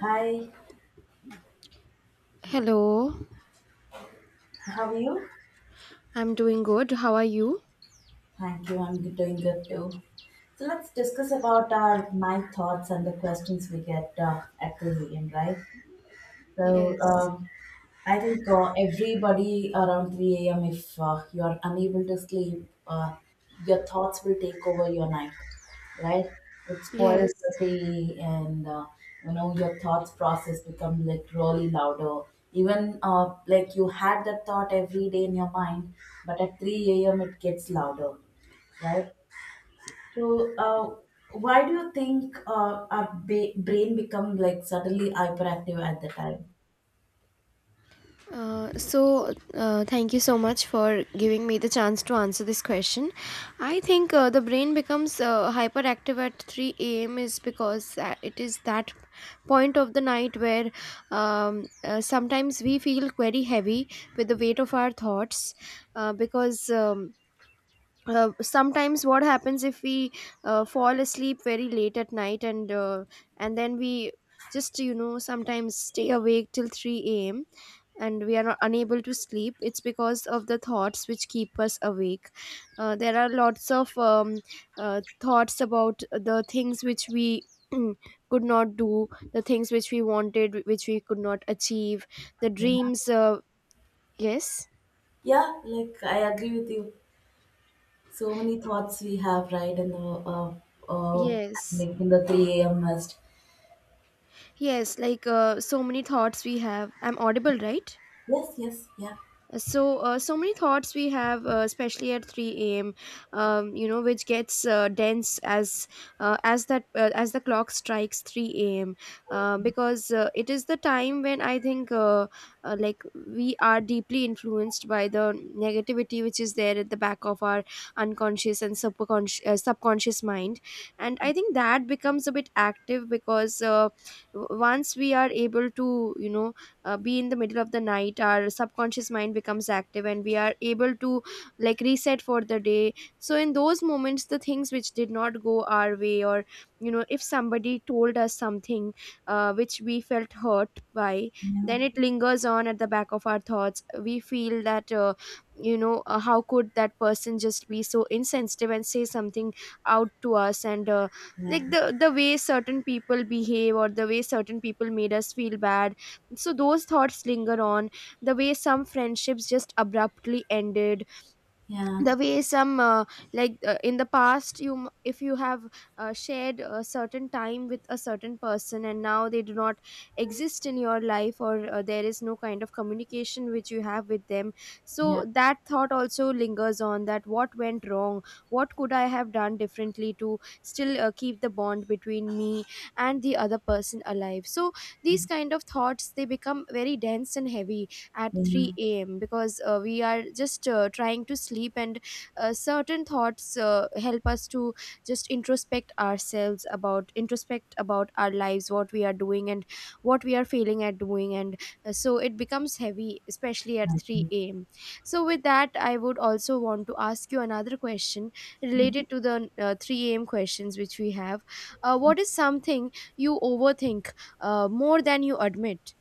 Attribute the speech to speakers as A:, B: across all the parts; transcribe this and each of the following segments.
A: Hi,
B: Hello,
A: how are you?
B: I'm doing good. How are you?
A: Thank you, I'm doing good too. So let's discuss about our my thoughts and the questions we get at the end, right? So Yeah.
B: Yes.
A: I think everybody around 3 a.m., if you're unable to sleep, your thoughts will take over your night, right? It
B: Yes.
A: spoils the day, and your thoughts process become like really louder. Even like you had that thought every day in your mind, but at 3 a.m., it gets louder, right? So, why do you think our brain become like suddenly hyperactive at the time?
B: Thank you so much for giving me the chance to answer this question. I think the brain becomes hyperactive at 3 a.m. is because it is that point of the night where sometimes we feel very heavy with the weight of our thoughts because. Sometimes what happens if we fall asleep very late at night, and then we just, you know, sometimes stay awake till 3 a.m., and we are not unable to sleep. It's because of the thoughts which keep us awake. There are lots of uh, thoughts about the things which we could not do, the things which we wanted, which we could not achieve, the
A: Yeah.
B: dreams. uh, yes
A: Yeah, like I agree with you. So many thoughts we have, right? In the uh,
B: yes
A: like in the three a.m. mist.
B: Yes, like, so many thoughts we have. I'm audible, right?
A: Yes, yes, yeah.
B: So, so many thoughts we have, especially at 3 a.m. You know, which gets dense as, as that as the clock strikes 3 a.m., because it is the time when I think, like, we are deeply influenced by the negativity which is there at the back of our unconscious and subconscious mind. And I think that becomes a bit active because, once we are able to, you know, be in the middle of the night, our subconscious mind becomes active and we are able to, like, reset for the day. So in those moments, the things which did not go our way, or, you know, if somebody told us something which we felt hurt by,
A: Yeah,
B: then it lingers on at the back of our thoughts. We feel that, you know, how could that person just be so insensitive and say something out to us. And
A: yeah,
B: like, the way certain people behave, or the way certain people made us feel bad, so those thoughts linger on. The way some friendships just abruptly ended,
A: yeah,
B: the way some, like, in the past, you if you have shared a certain time with a certain person and now they do not exist in your life, or there is no kind of communication which you have with them,
A: yeah.
B: so that thought also lingers on, that what went wrong, what could I have done differently to still keep the bond between me and the other person alive. So these kind of thoughts, they become very dense and heavy at
A: Yeah.
B: 3 a.m., because we are just trying to sleep, and certain thoughts help us to just introspect ourselves about, introspect about our lives, what we are doing, and what we are failing at doing, and so it becomes heavy, especially at
A: I agree.
B: 3 a.m. So, with that, I would also want to ask you another question
A: Mm.
B: related to the, 3 a.m. questions which we have. What is something you overthink more than you admit?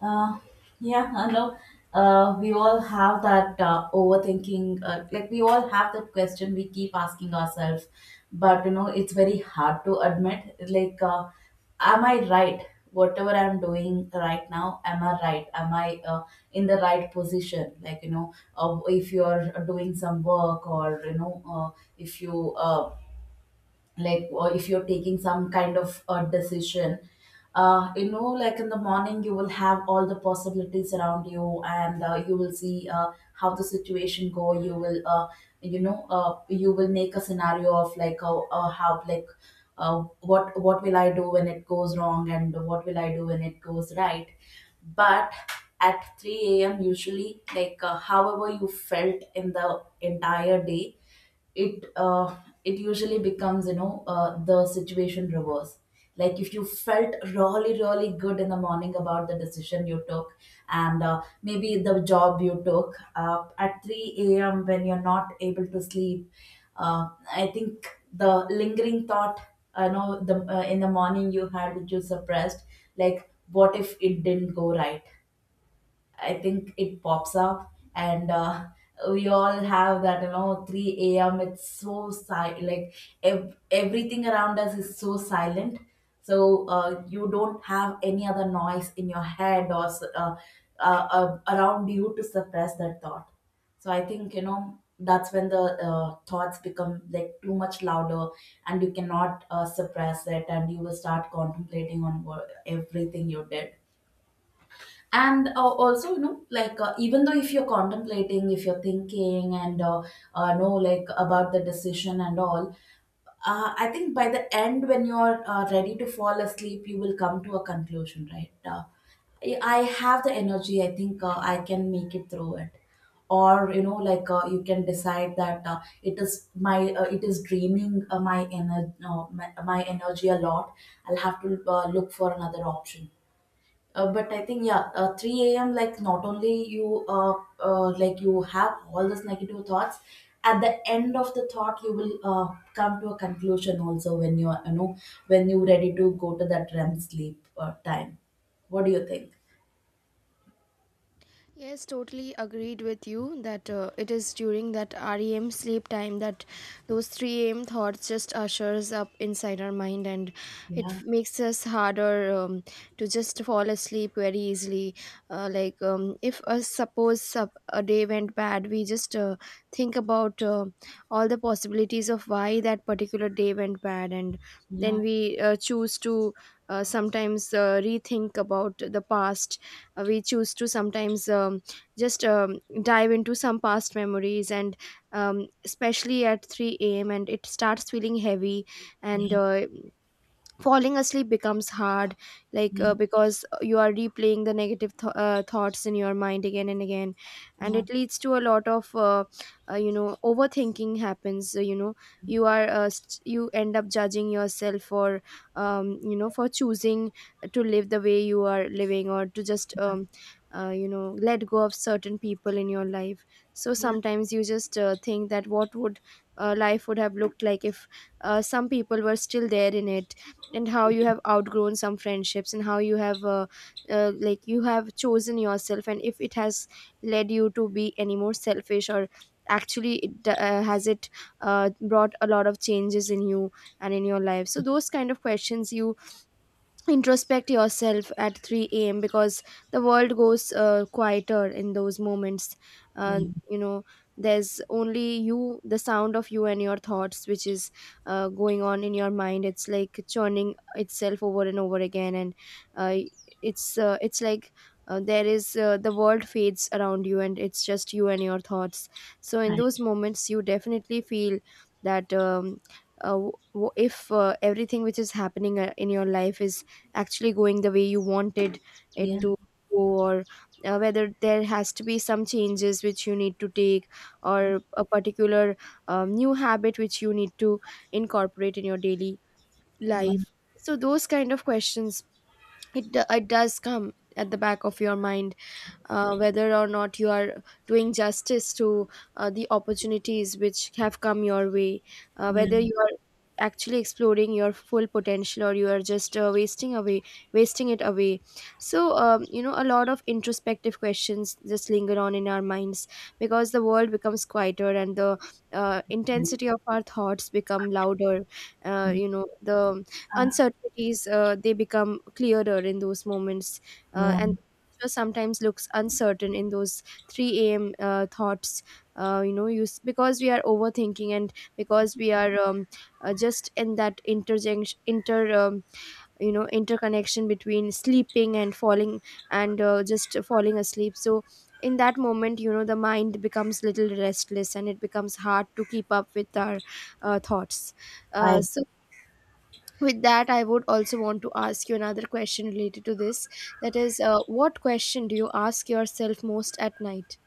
A: Uh, yeah, I know. We all have that overthinking. Like, we all have that question we keep asking ourselves, but you know it's very hard to admit. Like, am I right? Whatever I'm doing right now, am I right? Am I in the right position? Like, if you're doing some work, or if you like, or if you're taking some kind of a decision, like in the morning you will have all the possibilities around you, and you will see how the situation go, you will you will make a scenario of like how, like, what will I do when it goes wrong and what will I do when it goes right. But at 3 a.m usually, like, however you felt in the entire day, it uh, it usually becomes, the situation reverse. Like, if you felt really really good in the morning about the decision you took, and maybe the job you took, at 3 a.m, when you're not able to sleep, I think the lingering thought I know, the in the morning you had, which you suppressed, like what if it didn't go right. I think it pops up, and we all have that, 3 a.m. It's so silent, like everything around us is so silent. So you don't have any other noise in your head, or around you, to suppress that thought. So I think, that's when the thoughts become like too much louder, and you cannot suppress it, and you will start contemplating on what, everything you did, and also, like, even though if you're contemplating, if you're thinking, and know, like, about the decision and all. I think by the end, when you're ready to fall asleep, you will come to a conclusion, right? I have the energy. I think I can make it through it, or like, you can decide that it is draining my ener my energy a lot. I'll have to look for another option. But I think, yeah, three a.m. Like, not only you like you have all these negative thoughts, at the end of the thought you will come to a conclusion also, when you're when you're ready to go to that REM sleep time. What do you think?
B: Yes, totally agreed with you that, it is during that REM sleep time that those 3 a.m. thoughts just ushers up inside our mind, and
A: Yeah,
B: makes us harder, to just fall asleep very easily. Like, if, suppose a day went bad, we just think about all the possibilities of why that particular day went bad, and then
A: yeah,
B: we choose to, sometimes, rethink about the past. We choose to sometimes, just dive into some past memories, and, especially at 3 a.m., and it starts feeling heavy, and
A: yeah,
B: falling asleep becomes hard, like,
A: yeah,
B: because you are replaying the negative thoughts in your mind again and again, and
A: yeah,
B: it leads to a lot of, you know, overthinking happens. You know, you are, you end up judging yourself for, you know, for choosing to live the way you are living, or to just, you know, let go of certain people in your life. So
A: yeah,
B: sometimes you just think that what would, life would have looked like if some people were still there in it, and how you have outgrown some friendships, and how you have, like, you have chosen yourself, and if it has led you to be any more selfish, or actually has it brought a lot of changes in you and in your life. So those kind of questions, you introspect yourself at 3 a.m., because the world goes quieter in those moments. uh,
A: yeah.
B: you know, there's only you, the sound of you and your thoughts, which is going on in your mind. It's like churning itself over and over again. And uh, it's like, the world fades around you, and it's just you and your thoughts. So in
A: Hi.
B: those moments you definitely feel that, if, everything which is happening in your life is actually going the way you wanted it
A: Yeah,
B: to go, or whether there has to be some changes which you need to take, or a particular, new habit which you need to incorporate in your daily
A: yeah,
B: life. So those kind of questions, it does come at the back of your mind, whether or not you are doing justice to the opportunities which have come your way,
A: yeah,
B: whether you are actually exploring your full potential, or you are just wasting it away. So, you know, a lot of introspective questions just linger on in our minds, because the world becomes quieter and the, intensity of our thoughts become louder. You know, the uncertainties, they become clearer in those moments,
A: yeah.
B: and future sometimes looks uncertain in those 3 a.m. Thoughts. You know, because we are overthinking, and because we are, just in that interjunction, inter you know, interconnection between sleeping and falling, and just falling asleep. So in that moment, you know, the mind becomes little restless, and it becomes hard to keep up with our, thoughts. Uh,
A: I.
B: so with that, I would also want to ask you another question related to this, that is, what question do you ask yourself most at night?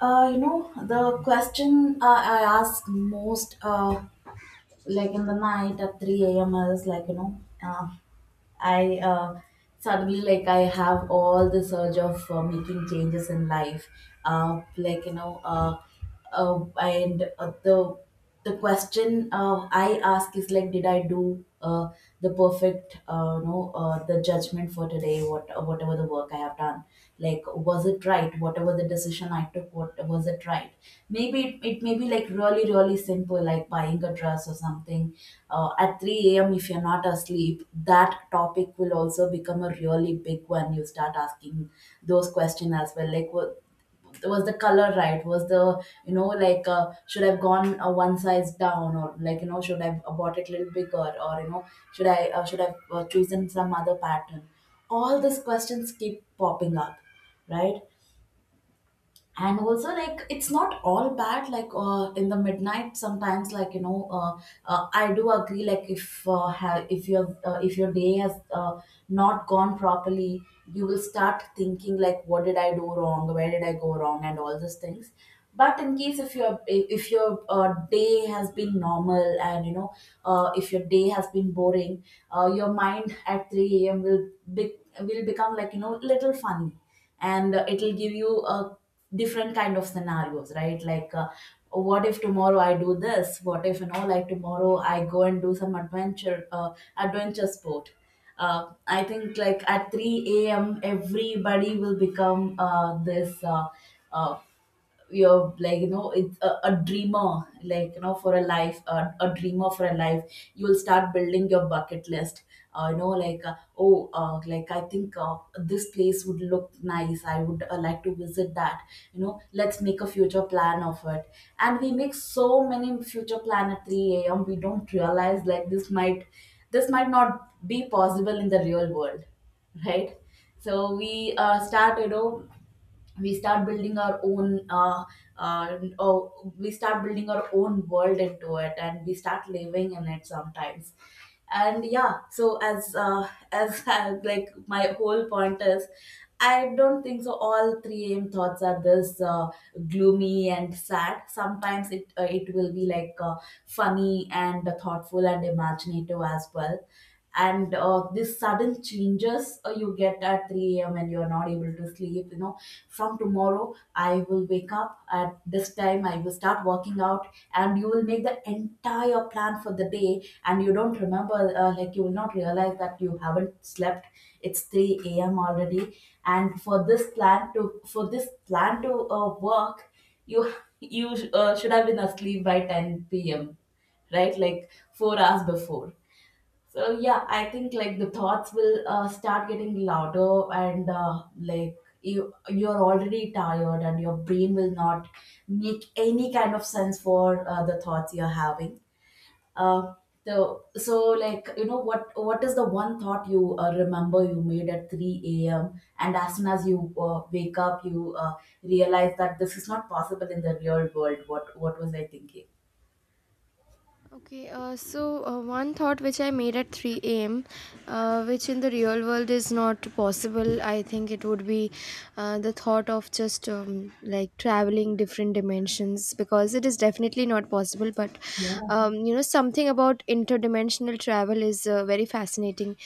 A: You know the question I ask most. Like, in the night at 3 a.m, I was like, I suddenly, like, I have all the surge of making changes in life, like, and the question I ask is, like, did I do the perfect, the judgment for today, what whatever the work I have done. Like, was it right? Whatever the decision I took, what was it right? Maybe it may be, like, really, really simple, like buying a dress or something. At 3 a.m., if you're not asleep, that topic will also become a really big one. You start asking those questions as well. Like, what was the color, right? was the you know like Should I have gone one size down, or, like should I have bought it a little bigger, or, should I have chosen some other pattern. All these questions keep popping up, right? And also, like, it's not all bad. Like, in the midnight sometimes, like, I do agree. Like, if if your day has not gone properly, you will start thinking, like, what did I do wrong, where did I go wrong, and all these things. But, in case, if your day has been normal, and, if your day has been boring, your mind at 3 a.m will will become, like, little funny, and it'll give you a different kind of scenarios, right? Like, what if tomorrow I do this, what if, like, tomorrow I go and do some adventure sport. I think, like, at 3 a.m everybody will become this, uh, you're like, it's a dreamer, like, for a life, a dreamer for a life. You will start building your bucket list, oh, like I think this place would look nice, I would like to visit that. Let's make a future plan of it. And we make so many future plan at 3 a.m, we don't realize like this might not be possible in the real world, right? So we start, we start building our own, oh, we start building our own world into it, and we start living in it sometimes. And yeah, so as like my whole point is, I don't think so all 3 am thoughts are this gloomy and sad. Sometimes it will be, like, funny and thoughtful and imaginative as well. And this sudden changes you get at 3 a.m, and you're not able to sleep, from tomorrow I will wake up at this time, I will start working out, and you will make the entire plan for the day, and you don't remember, like, you will not realize that you haven't slept. It's 3 a.m already, and for this plan to work, you you should have been asleep by 10 p.m, right? Like, 4 hours before. So yeah, I think, like, the thoughts will start getting louder, and like, you're already tired, and your brain will not make any kind of sense for the thoughts you're having. Uh, so, like, what is the one thought you remember you made at three a.m., and as soon as you wake up, you realize that this is not possible in the real world. What was I thinking?
B: Okay, so, one thought which I made at 3 a.m., which in the real world is not possible, I think it would be the thought of just, like, traveling different dimensions, because it is definitely not possible. But,
A: Yeah,
B: you know, something about interdimensional travel is very fascinating,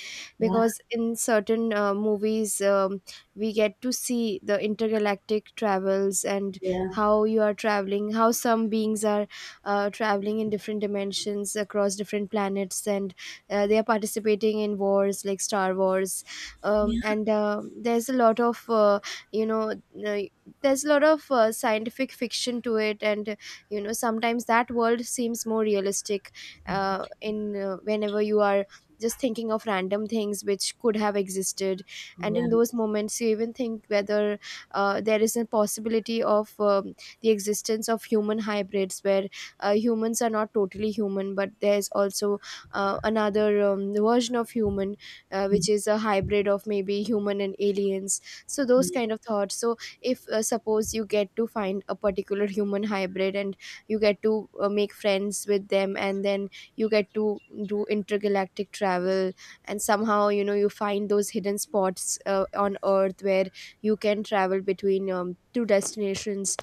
A: yeah,
B: because in certain movies, we get to see the intergalactic travels, and
A: yeah,
B: how you are traveling, how some beings are traveling in different dimensions across different planets, and they are participating in wars like Star Wars. And There's a lot of, you know uh, there's a lot of scientific fiction to it. And you know, sometimes that world seems more realistic, in whenever you are just thinking of random things which could have existed. And in
A: yeah,
B: those moments you even think whether there is a possibility of, the existence of human hybrids, where humans are not totally human, but there's also another version of human, which is a hybrid of maybe human and aliens. So those
A: yeah.
B: kind of thoughts, so if, suppose you get to find a particular human hybrid, and you get to make friends with them, and then you get to do intergalactic travel, and somehow, you know, you find those hidden spots on earth, where you can travel between, two destinations,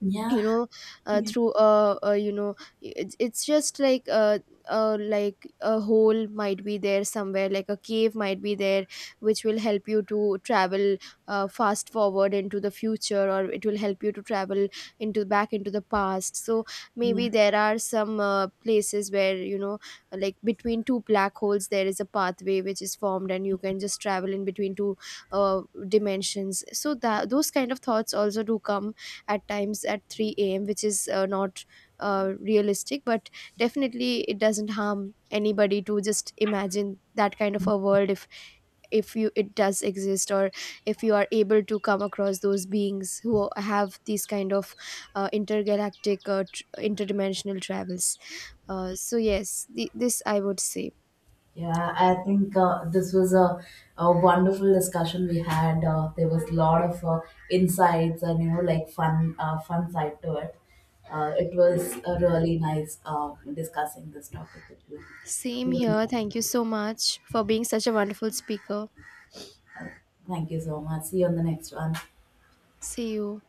A: Yeah.
B: you know, uh,
A: Yeah.
B: through a, a you know, it's just like a like a hole might be there somewhere, like a cave might be there, which will help you to travel fast forward into the future, or it will help you to travel into, back into the past. So
A: Yeah.
B: maybe there are some places where, you know, like between two black holes, there is a pathway which is formed, and you can just travel in between two, uh, dimensions. So that, those kind of thoughts also do come at times at 3 a.m., which is, not realistic, but definitely, it doesn't harm anybody to just imagine that kind of a world, if you, it does exist, or if you are able to come across those beings who have these kind of intergalactic, interdimensional travels. So yes, this I would say.
A: Yeah, I think this was a wonderful discussion we had. There was a lot of insights, and, like, fun side to it. It was a really nice, discussing this topic with you.
B: Same
A: See you on the
B: here,
A: next
B: thank you so much for being such a wonderful speaker.
A: one. Thank you so much. See you on the next one.
B: See you.